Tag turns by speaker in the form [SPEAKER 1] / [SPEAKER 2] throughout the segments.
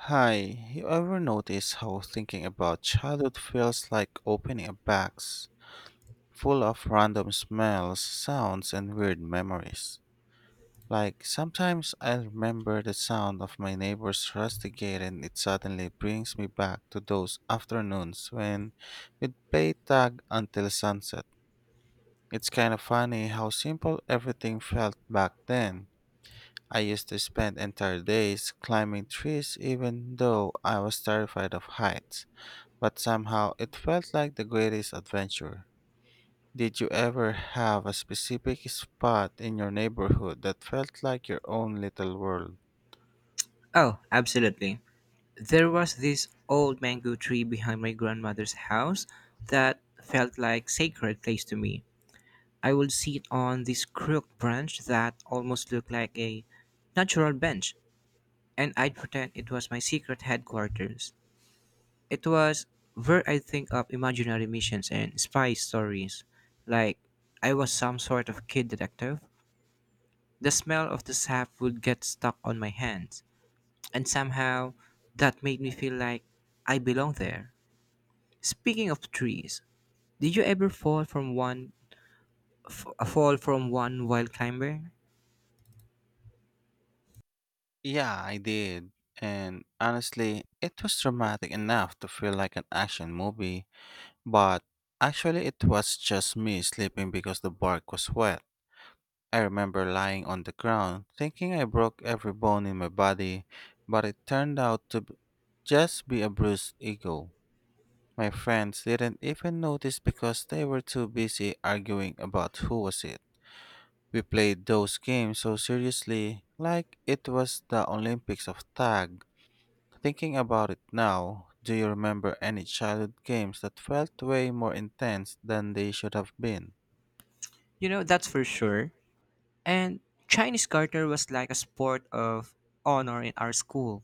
[SPEAKER 1] Hi, you ever notice how thinking about childhood feels like opening a box full of random smells, sounds, and weird memories? Like, sometimes I remember the sound of my neighbor's rusty gate and it suddenly brings me back to those afternoons when we'd play tag until sunset. It's kind of funny how simple everything felt back then. I used to spend entire days climbing trees even though I was terrified of heights but somehow it felt like the greatest adventure. Did you ever have a specific spot in your neighborhood that felt like your own little world?
[SPEAKER 2] Oh, absolutely. There was this old mango tree behind my grandmother's house that felt like sacred place to me. I would sit on this crooked branch that almost looked like a natural bench, and I'd pretend it was my secret headquarters. It was where I'd think up imaginary missions and spy stories, like I was some sort of kid detective. The smell of the sap would get stuck on my hands, and somehow that made me feel like I belong there. Speaking of trees, did you ever fall from one fall from one while climbing?
[SPEAKER 1] Yeah, I did. And honestly, it was dramatic enough to feel like an action movie, but actually, it was just me sleeping because the bark was wet. I remember lying on the ground thinking I broke every bone in my body, but it turned out to just be a bruised ego. My friends didn't even notice because they were too busy arguing about who was it. We played those games so seriously, like it was the Olympics of tag. Thinking about it now, do you remember any childhood games that felt way more intense than they should have been?
[SPEAKER 2] You know that's for sure. And Chinese garter was like a sport of honor in our school.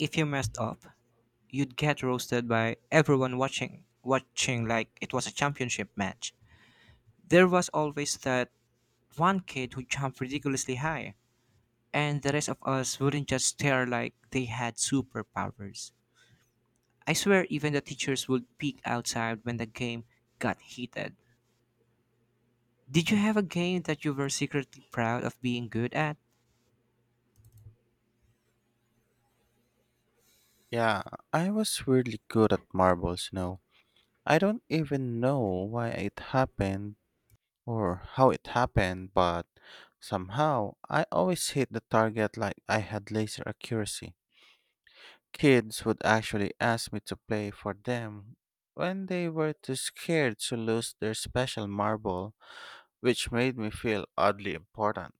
[SPEAKER 2] If you messed up, you'd get roasted by everyone watching like it was a championship match. There was always that one kid who jumped ridiculously high, and the rest of us wouldn't just stare like they had superpowers. I swear, even the teachers would peek outside when the game got heated. Did you have a game that you were secretly proud of being good at?
[SPEAKER 1] Yeah, I was really good at marbles, you know. I don't even know why it happened, or how it happened, but somehow I always hit the target like I had laser accuracy. Kids would actually ask me to play for them when they were too scared to lose their special marble, which made me feel oddly important.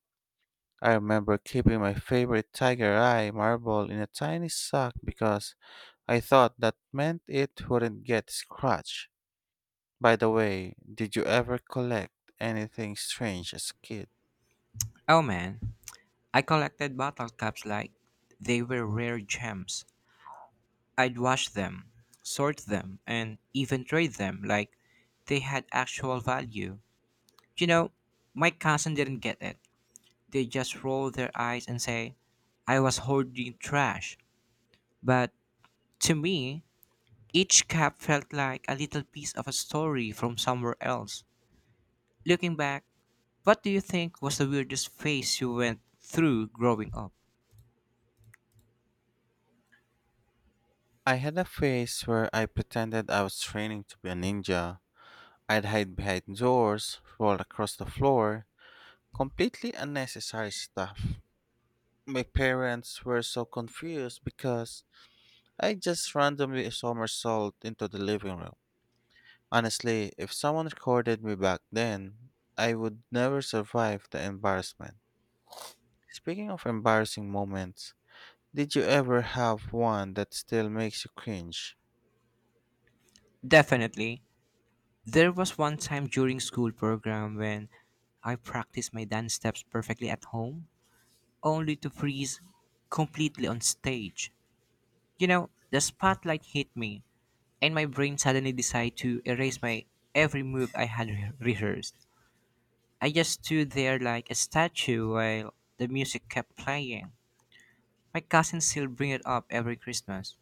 [SPEAKER 1] I remember keeping my favorite tiger eye marble in a tiny sock because I thought that meant it wouldn't get scratched. By the way, did you ever collect anything strange as a kid?
[SPEAKER 2] Oh man, I collected bottle caps like they were rare gems. I'd wash them, sort them, and even trade them like they had actual value. You know, my cousin didn't get it. They just roll their eyes and say, I was hoarding trash. But to me, each cap felt like a little piece of a story from somewhere else. Looking back, what do you think was the weirdest phase you went through growing up?
[SPEAKER 1] I had a phase where I pretended I was training to be a ninja. I'd hide behind doors, roll across the floor, completely unnecessary stuff. My parents were so confused because I just randomly somersault into the living room. Honestly, if someone recorded me back then, I would never survive the embarrassment. Speaking of embarrassing moments, did you ever have one that still makes you cringe?
[SPEAKER 2] Definitely. There was one time during school program when I practiced my dance steps perfectly at home, only to freeze completely on stage. You know, the spotlight hit me, and my brain suddenly decided to erase my every move I had rehearsed. I just stood there like a statue while the music kept playing. My cousins still bring it up every Christmas.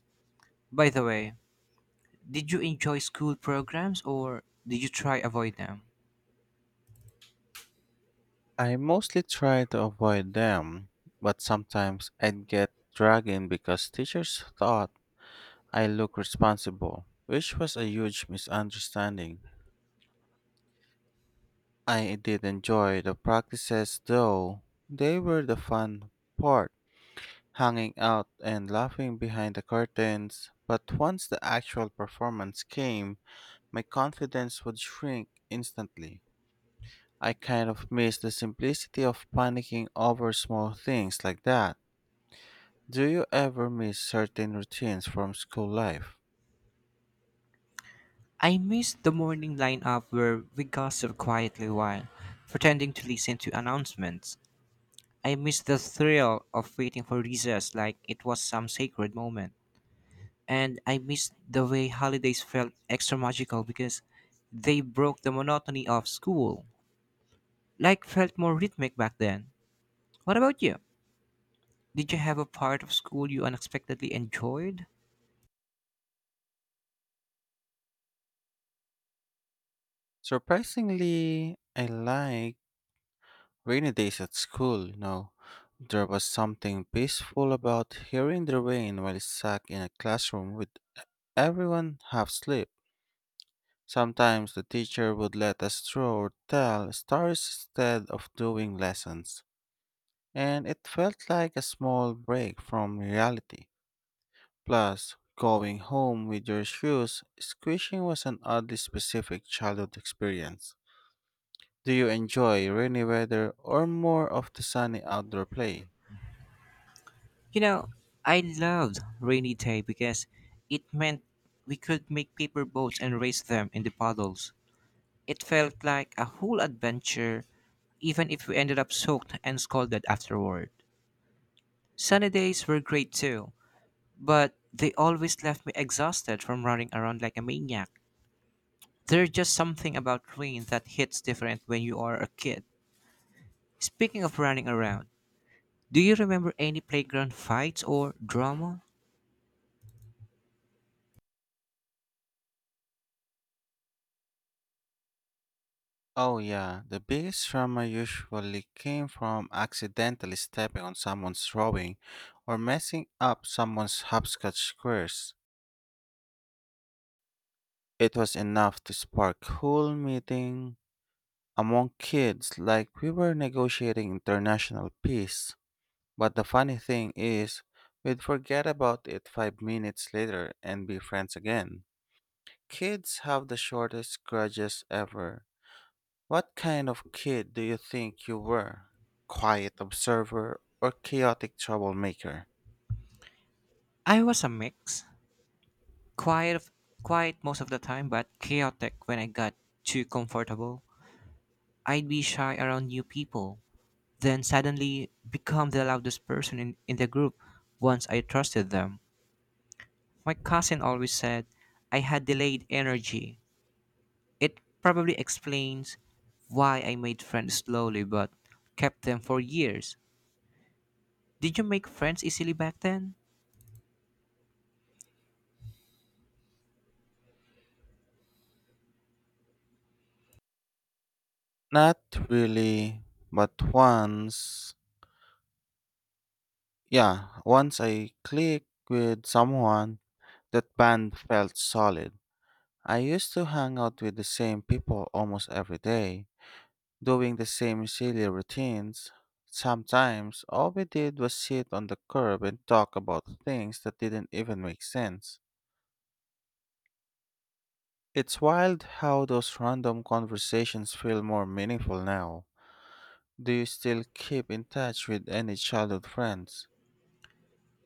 [SPEAKER 2] By the way, did you enjoy school programs or did you try avoid them?
[SPEAKER 1] I mostly try to avoid them, but sometimes I'd get dragged in because teachers thought I looked responsible, which was a huge misunderstanding. I did enjoy the practices though, they were the fun part, hanging out and laughing behind the curtains. But once the actual performance came, my confidence would shrink instantly. I kind of missed the simplicity of panicking over small things like that. Do you ever miss certain routines from school life?
[SPEAKER 2] I missed the morning lineup where we gossip quietly while pretending to listen to announcements. I missed the thrill of waiting for recess like it was some sacred moment. And I missed the way holidays felt extra magical because they broke the monotony of school. Like felt more rhythmic back then. What about you? Did you have a part of school you unexpectedly enjoyed?
[SPEAKER 1] Surprisingly, I like rainy days at school, you know. There was something peaceful about hearing the rain while stuck in a classroom with everyone half asleep. Sometimes the teacher would let us draw or tell stories instead of doing lessons, and it felt like a small break from reality. Plus, going home with your shoes squishing was an oddly specific childhood experience. Do you enjoy rainy weather or more of the sunny outdoor play?
[SPEAKER 2] You know, I loved rainy day because it meant we could make paper boats and race them in the puddles. It felt like a whole adventure, even if we ended up soaked and scolded afterward. Sunny days were great too, but they always left me exhausted from running around like a maniac. There's just something about rain that hits different when you are a kid. Speaking of running around, do you remember any playground fights or drama?
[SPEAKER 1] Oh yeah, the biggest trauma usually came from accidentally stepping on someone's drawing or messing up someone's hopscotch squares. It was enough to spark whole meeting among kids like we were negotiating international peace. But the funny thing is, we'd forget about it 5 minutes later and be friends again. Kids have the shortest grudges ever. What kind of kid do you think you were? Quiet observer or chaotic troublemaker?
[SPEAKER 2] I was a mix. Quiet, quiet most of the time, but chaotic when I got too comfortable. I'd be shy around new people, then suddenly become the loudest person in the group once I trusted them. My cousin always said I had delayed energy. It probably explains why I made friends slowly but kept them for years. Did you make friends easily back then?
[SPEAKER 1] Not really, but once. Yeah, once I clicked with someone, that band felt solid. I used to hang out with the same people almost every day doing the same silly routines. Sometimes all we did was sit on the curb and talk about things that didn't even make sense. It's wild how those random conversations feel more meaningful now. Do you still keep in touch with any childhood friends?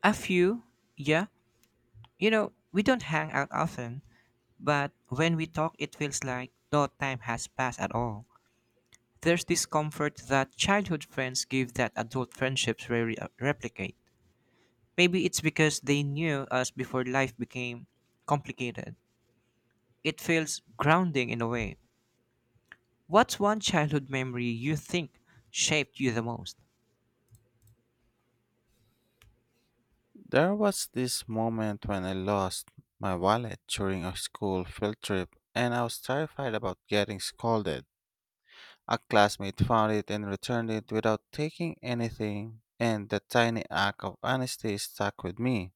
[SPEAKER 2] A few, yeah. You know, we don't hang out often, but when we talk, it feels like no time has passed at all. There's this comfort that childhood friends give that adult friendships rarely replicate. Maybe it's because they knew us before life became complicated. It feels grounding in a way. What's one childhood memory you think shaped you the most?
[SPEAKER 1] There was this moment when I lost my wallet during a school field trip and I was terrified about getting scolded. A classmate found it and returned it without taking anything, and that tiny act of honesty stuck with me.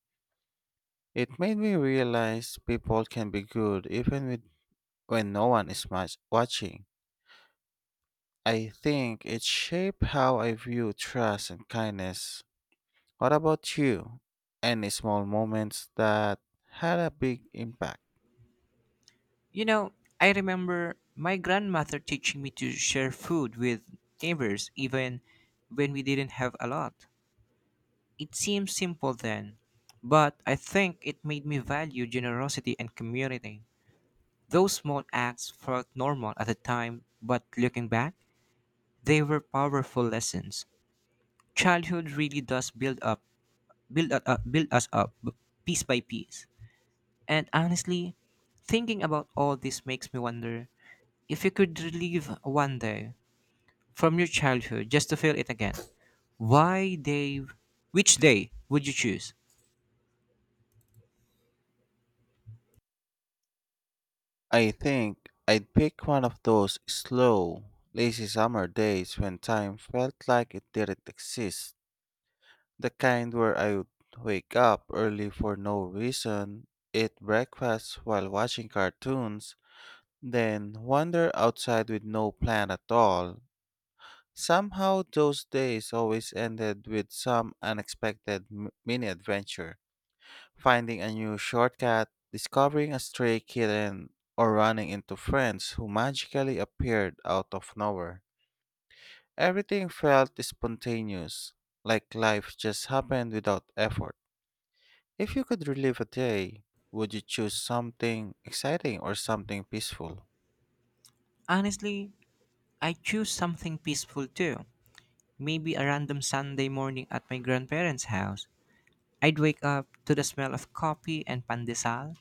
[SPEAKER 1] It made me realize people can be good even with, when no one is much watching. I think it shaped how I view trust and kindness. What about you? Any small moments that had a big impact?
[SPEAKER 2] You know, I remember my grandmother teaching me to share food with neighbors even when we didn't have a lot. It seemed simple then, but I think it made me value generosity and community. Those small acts felt normal at the time, but looking back, they were powerful lessons. Childhood really does build us up piece by piece. And honestly, thinking about all this makes me wonder if you could relive one day, from your childhood just to feel it again. Why day? Which day would you choose?
[SPEAKER 1] I think I'd pick one of those slow, lazy summer days when time felt like it didn't exist. The kind where I would wake up early for no reason, eat breakfast while watching cartoons, then wander outside with no plan at all. Somehow, those days always ended with some unexpected mini adventure, finding a new shortcut, discovering a stray kitten, or running into friends who magically appeared out of nowhere. Everything felt spontaneous, like life just happened without effort. If you could relive a day, would you choose something exciting or something peaceful?
[SPEAKER 2] Honestly, I choose something peaceful too. Maybe a random Sunday morning at my grandparents' house. I'd wake up to the smell of coffee and pandesal,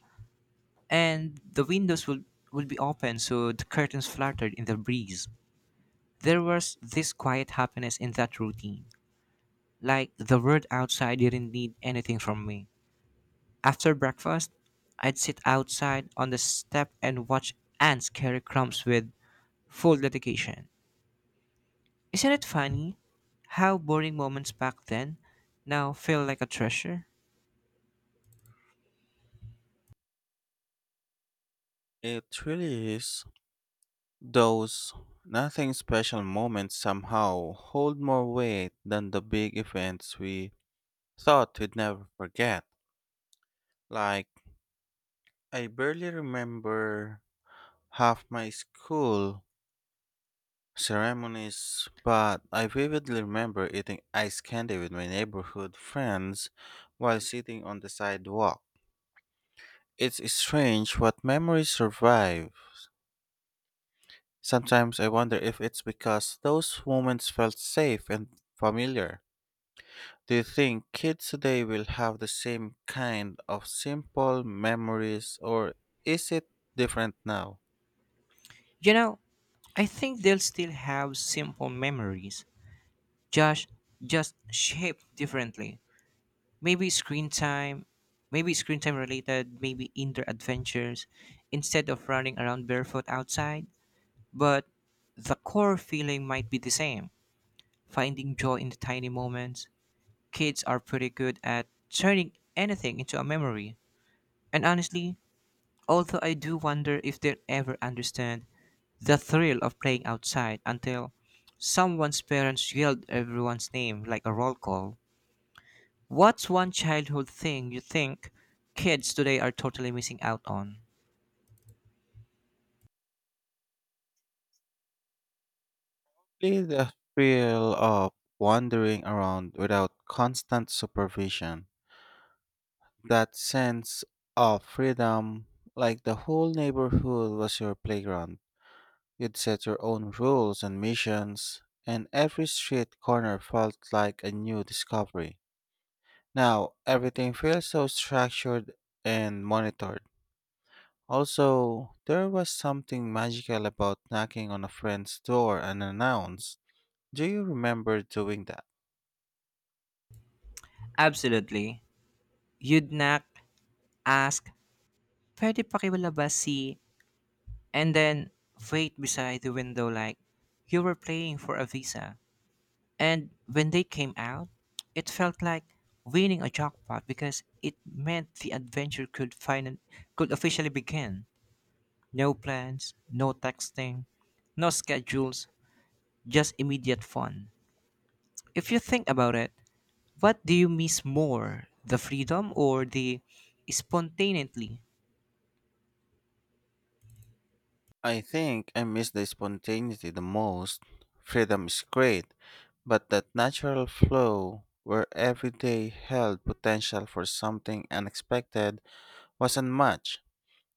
[SPEAKER 2] and the windows would be open so the curtains fluttered in the breeze. There was this quiet happiness in that routine, like the world outside didn't need anything from me. After breakfast, I'd sit outside on the step and watch ants carry crumbs with full dedication. Isn't it funny how boring moments back then now feel like a treasure?
[SPEAKER 1] It really is. Those nothing special moments somehow hold more weight than the big events we thought we'd never forget. Like, I barely remember half my school ceremonies, but I vividly remember eating ice candy with my neighborhood friends while sitting on the sidewalk. It's strange what memories survive. Sometimes I wonder if it's because those moments felt safe and familiar. Do you think kids today will have the same kind of simple memories or is it different now?
[SPEAKER 2] You know, I think they'll still have simple memories, just just shaped differently. Maybe screen time, maybe screen time related, maybe indoor adventures instead of running around barefoot outside, but the core feeling might be the same. Finding joy in the tiny moments. Kids are pretty good at turning anything into a memory. And honestly, although I do wonder if they'll ever understand the thrill of playing outside until someone's parents yelled everyone's name like a roll call. What's one childhood thing you think kids today are totally missing out on?
[SPEAKER 1] Really the thrill of wandering around without constant supervision. That sense of freedom, like the whole neighborhood was your playground. You'd set your own rules and missions, and every street corner felt like a new discovery. Now, everything feels so structured and monitored. Also, there was something magical about knocking on a friend's door unannounced. Do you remember doing that?
[SPEAKER 2] Absolutely. You'd not ask, pwede pakibala ba si, and then wait beside the window like you were playing for a visa. And when they came out, it felt like winning a jackpot because it meant the adventure could officially begin. No plans, no texting, no schedules, just immediate fun. If you think about it, what do you miss more, the freedom or the spontaneity?
[SPEAKER 1] I think I miss the spontaneity the most. Freedom is great, but that natural flow where every day held potential for something unexpected was unmatched.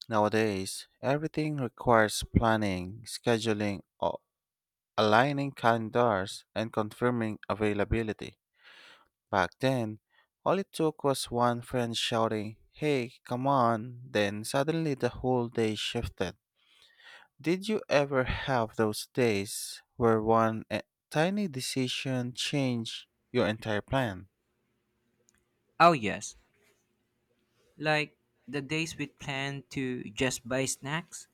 [SPEAKER 1] Nowadays, everything requires planning, scheduling, aligning calendars, and confirming availability. Back then, all it took was one friend shouting, "Hey, come on!" Then suddenly the whole day shifted. Did you ever have those days where one tiny decision changed your entire plan?
[SPEAKER 2] Oh yes, like the days we planned to just buy snacks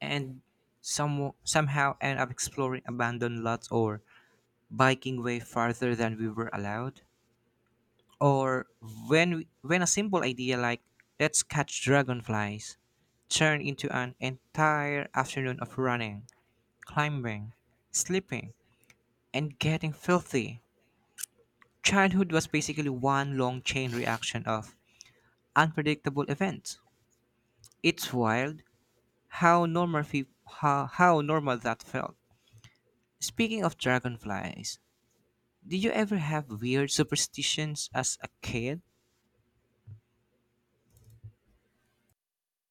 [SPEAKER 2] and somehow end up exploring abandoned lots or biking way farther than we were allowed. Or when a simple idea like, let's catch dragonflies, turned into an entire afternoon of running, climbing, sleeping, and getting filthy. Childhood was basically one long chain reaction of unpredictable events. It's wild how normal that felt. Speaking of dragonflies, did you ever have weird superstitions as a kid?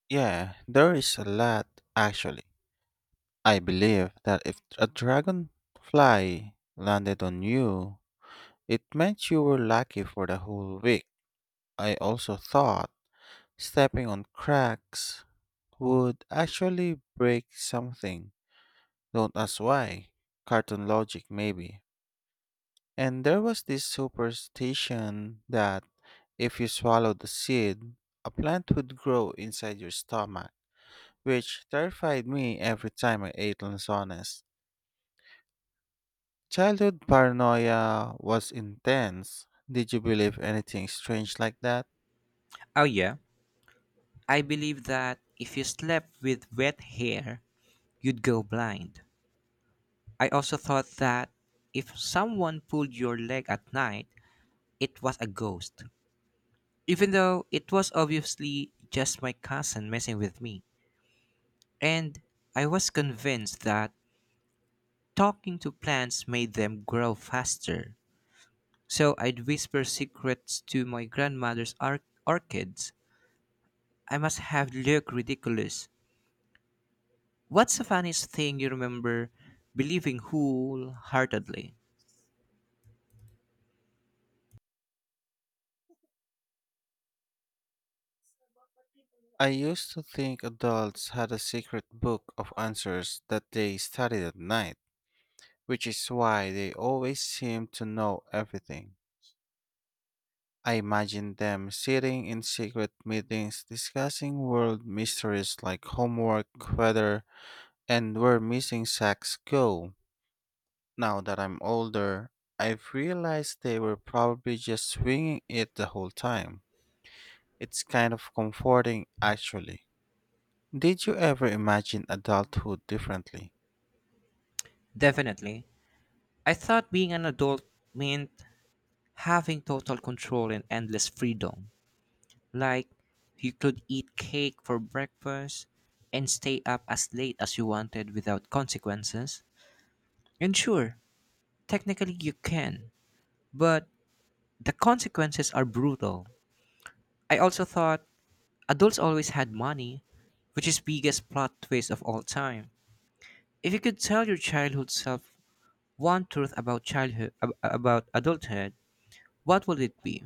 [SPEAKER 1] Yeah, there is a lot, actually. I believe that if a dragonfly landed on you, it meant you were lucky for the whole week. I also thought stepping on cracks would actually break something. Don't ask why. Cartoon logic, maybe. And there was this superstition that if you swallowed the seed, a plant would grow inside your stomach, which terrified me every time I ate lanzones. Childhood paranoia was intense. Did you believe anything strange like that?
[SPEAKER 2] Oh, yeah. I believe that if you slept with wet hair, you'd go blind. I also thought that if someone pulled your leg at night, it was a ghost, even though it was obviously just my cousin messing with me. And I was convinced that talking to plants made them grow faster. So I'd whisper secrets to my grandmother's orchids. I must have looked ridiculous. What's the funniest thing you remember believing wholeheartedly?
[SPEAKER 1] I used to think adults had a secret book of answers that they studied at night, which is why they always seemed to know everything. I imagined them sitting in secret meetings discussing world mysteries like homework, weather, and where missing sacks go. Now that I'm older, I've realized they were probably just swinging it the whole time. It's kind of comforting, actually. Did you ever imagine adulthood differently?
[SPEAKER 2] Definitely. I thought being an adult meant having total control and endless freedom. Like, you could eat cake for breakfast and stay up as late as you wanted without consequences. And sure, technically you can, but the consequences are brutal. I also thought adults always had money, which is biggest plot twist of all time. If you could tell your childhood self one truth about about adulthood, what would it be?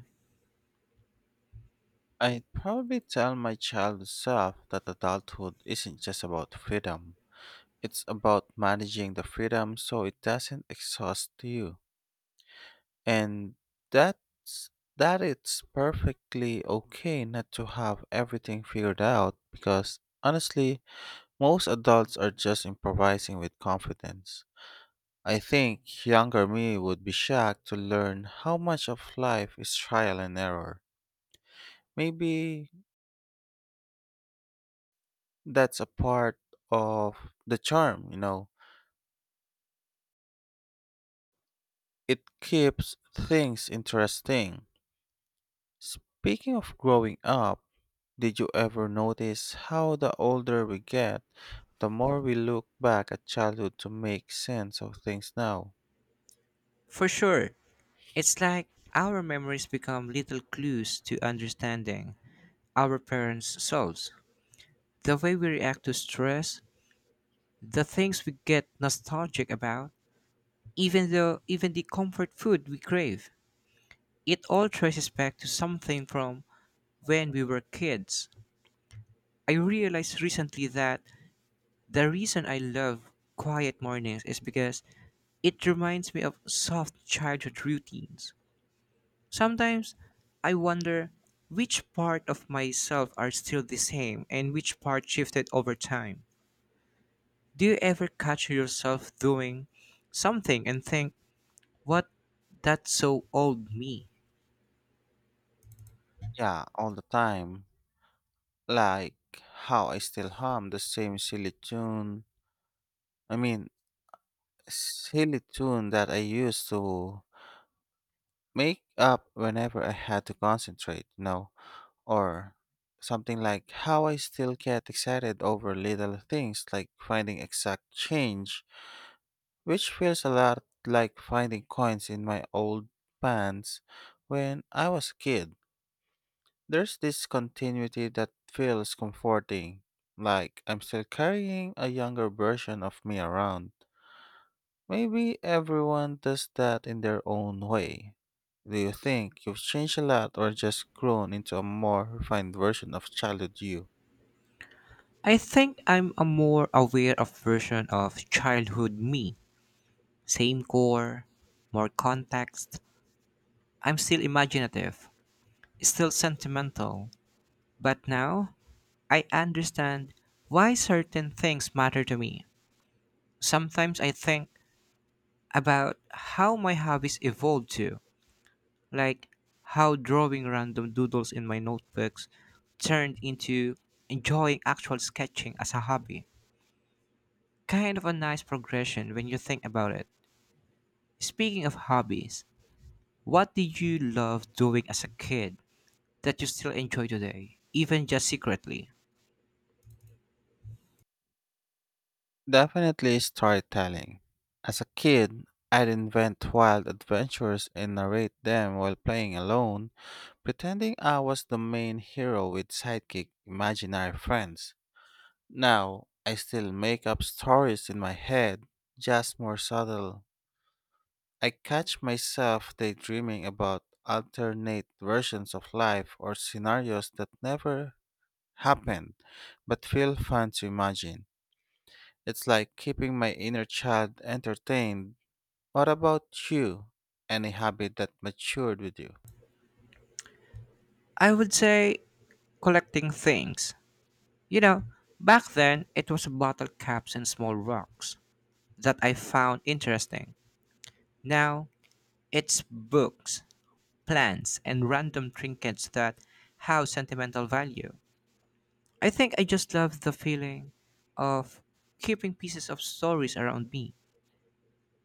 [SPEAKER 1] I'd probably tell my child self that adulthood isn't just about freedom. It's about managing the freedom so it doesn't exhaust you. And that's that it's perfectly okay not to have everything figured out because honestly, most adults are just improvising with confidence. I think younger me would be shocked to learn how much of life is trial and error. Maybe that's a part of the charm, you know. It keeps things interesting. Speaking of growing up, did you ever notice how the older we get, the more we look back at childhood to make sense of things now?
[SPEAKER 2] For sure, it's like our memories become little clues to understanding our parents' selves. The way we react to stress, the things we get nostalgic about, even though even the comfort food we crave, it all traces back to something from when we were kids. I realized recently that the reason I love quiet mornings is because it reminds me of soft childhood routines. Sometimes I wonder which part of myself are still the same and which part shifted over time. Do you ever catch yourself doing something and think, what that's so old me?
[SPEAKER 1] Yeah, all the time. Like how I still hum the same silly tune. I mean, silly tune that I used to make up whenever I had to concentrate, you know, or something like how I still get excited over little things like finding exact change, which feels a lot like finding coins in my old pants when I was a kid. There's this continuity that feels comforting, like I'm still carrying a younger version of me around. Maybe everyone does that in their own way. Do you think you've changed a lot or just grown into a more refined version of childhood you?
[SPEAKER 2] I think I'm a more aware of version of childhood me. Same core, more context, I'm still imaginative, still sentimental, but now I understand why certain things matter to me. Sometimes I think about how my hobbies evolved too, like how drawing random doodles in my notebooks turned into enjoying actual sketching as a hobby. Kind of a nice progression when you think about it. Speaking of hobbies, what did you love doing as a kid that you still enjoy today, even just secretly?
[SPEAKER 1] Definitely storytelling. As a kid, I'd invent wild adventures and narrate them while playing alone, pretending I was the main hero with sidekick imaginary friends. Now, I still make up stories in my head, just more subtle. I catch myself daydreaming about alternate versions of life or scenarios that never happened but feel fun to imagine. It's like keeping my inner child entertained. What about you? Any habit that matured with you?
[SPEAKER 2] I would say collecting things. You know, back then it was bottle caps and small rocks that I found interesting. Now it's books, plants, and random trinkets that have sentimental value. I think I just love the feeling of keeping pieces of stories around me.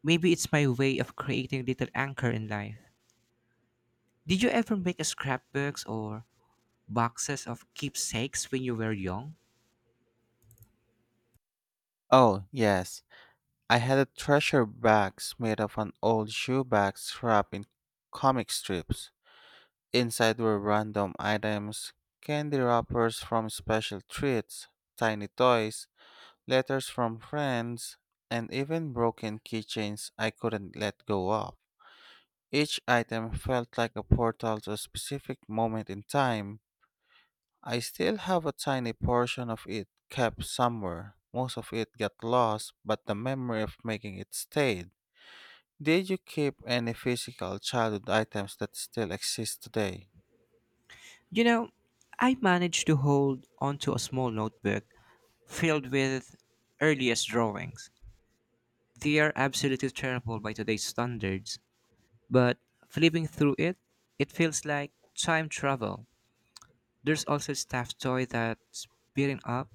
[SPEAKER 2] Maybe it's my way of creating little anchor in life. Did you ever make scrapbooks or boxes of keepsakes when you were young?
[SPEAKER 1] Oh, yes. I had a treasure box made of an old shoe box wrapped in comic strips. Inside were random items, candy wrappers from special treats, tiny toys, letters from friends, and even broken keychains I couldn't let go of. Each item felt like a portal to a specific moment in time. I still have a tiny portion of it kept somewhere. Most of it got lost, but the memory of making it stayed. Did you keep any physical childhood items that still exist today?
[SPEAKER 2] You know, I managed to hold onto a small notebook filled with earliest drawings. They are absolutely terrible by today's standards, but flipping through it, it feels like time travel. There's also a stuffed toy that's beaten up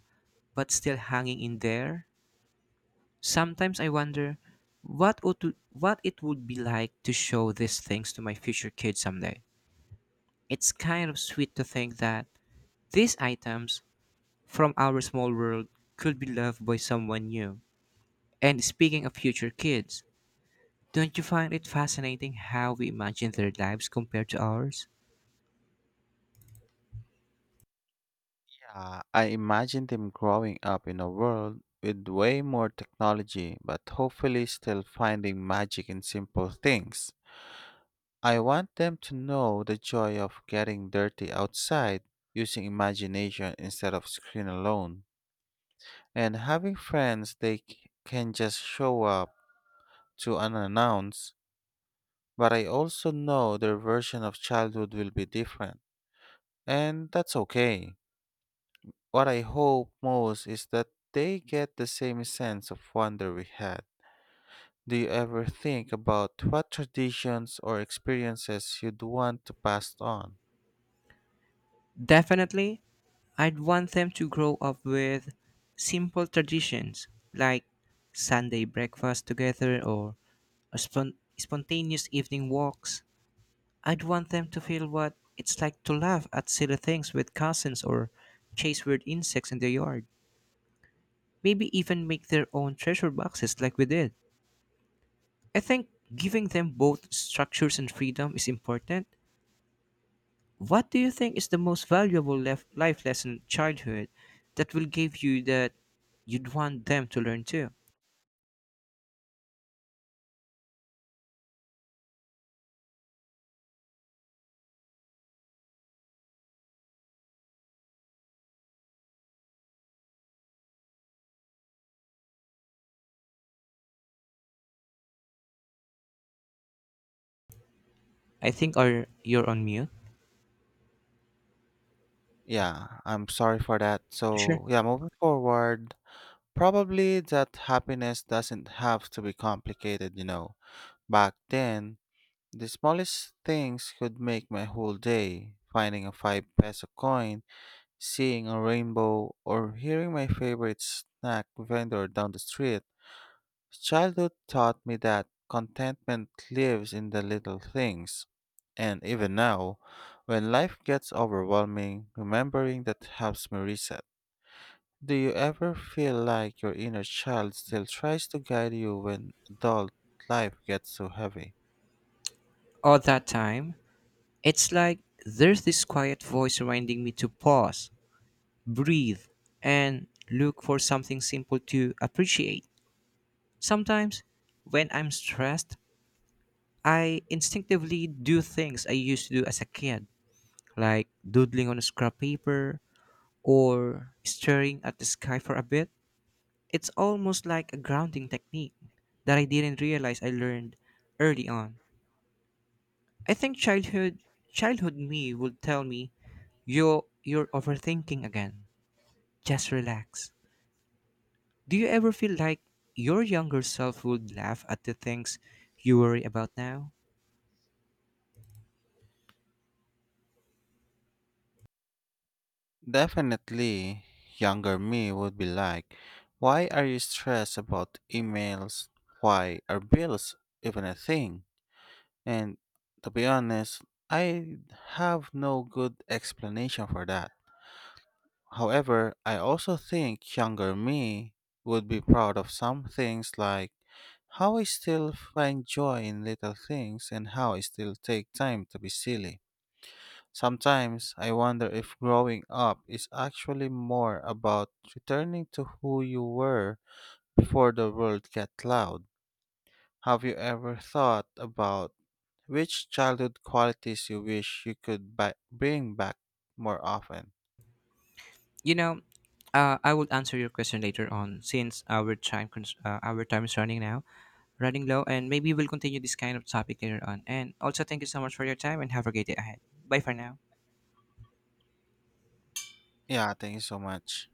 [SPEAKER 2] but still hanging in there. Sometimes I wonder what it would be like to show these things to my future kids someday. It's kind of sweet to think that these items from our small world could be loved by someone new. And speaking of future kids, don't you find it fascinating how we imagine their lives compared to ours?
[SPEAKER 1] I imagine them growing up in a world with way more technology, but hopefully still finding magic in simple things. I want them to know the joy of getting dirty outside, using imagination instead of screen alone, and having friends they can just show up to unannounced. But I also know their version of childhood will be different, and that's okay. What I hope most is that they get the same sense of wonder we had. Do you ever think about what traditions or experiences you'd want to pass on?
[SPEAKER 2] Definitely, I'd want them to grow up with simple traditions like Sunday breakfast together or spontaneous evening walks. I'd want them to feel what it's like to laugh at silly things with cousins or chase weird insects in the yard. Maybe even make their own treasure boxes like we did. I think giving them both structures and freedom is important. What do you think is the most valuable life lesson in childhood that will give you that you'd want them to learn too? I think are you're on mute.
[SPEAKER 1] Yeah, I'm sorry for that.
[SPEAKER 2] Sure.
[SPEAKER 1] So, yeah, moving forward, probably that happiness doesn't have to be complicated, you know. Back then, the smallest things could make my whole day. Finding a 5 peso coin, seeing a rainbow or hearing my favorite snack vendor down the street, childhood taught me that contentment lives in the little things. And even now, when life gets overwhelming, remembering that helps me reset. Do you ever feel like your inner child still tries to guide you when adult life gets so heavy?
[SPEAKER 2] All that time, it's like there's this quiet voice reminding me to pause, breathe, and look for something simple to appreciate. Sometimes, when I'm stressed, I instinctively do things I used to do as a kid like doodling on scrap paper or staring at the sky for a bit. It's almost like a grounding technique that I didn't realize I learned early on. I think childhood me would tell me you're overthinking again. Just relax. Do you ever feel like your younger self would laugh at the things you worry about now?
[SPEAKER 1] Definitely, younger me would be like, "Why are you stressed about emails? Why are bills even a thing?" And to be honest, I have no good explanation for that. However, I also think younger me would be proud of some things like how I still find joy in little things and how I still take time to be silly. Sometimes I wonder if growing up is actually more about returning to who you were before the world got loud. Have you ever thought about which childhood qualities you wish you could bring back more often?
[SPEAKER 2] You know, I will answer your question later on since our our time is running now. Running low, and maybe we'll continue this kind of topic later on. And also, thank you so much for your time and have a great day ahead. Bye for now.
[SPEAKER 1] Yeah, thank you so much.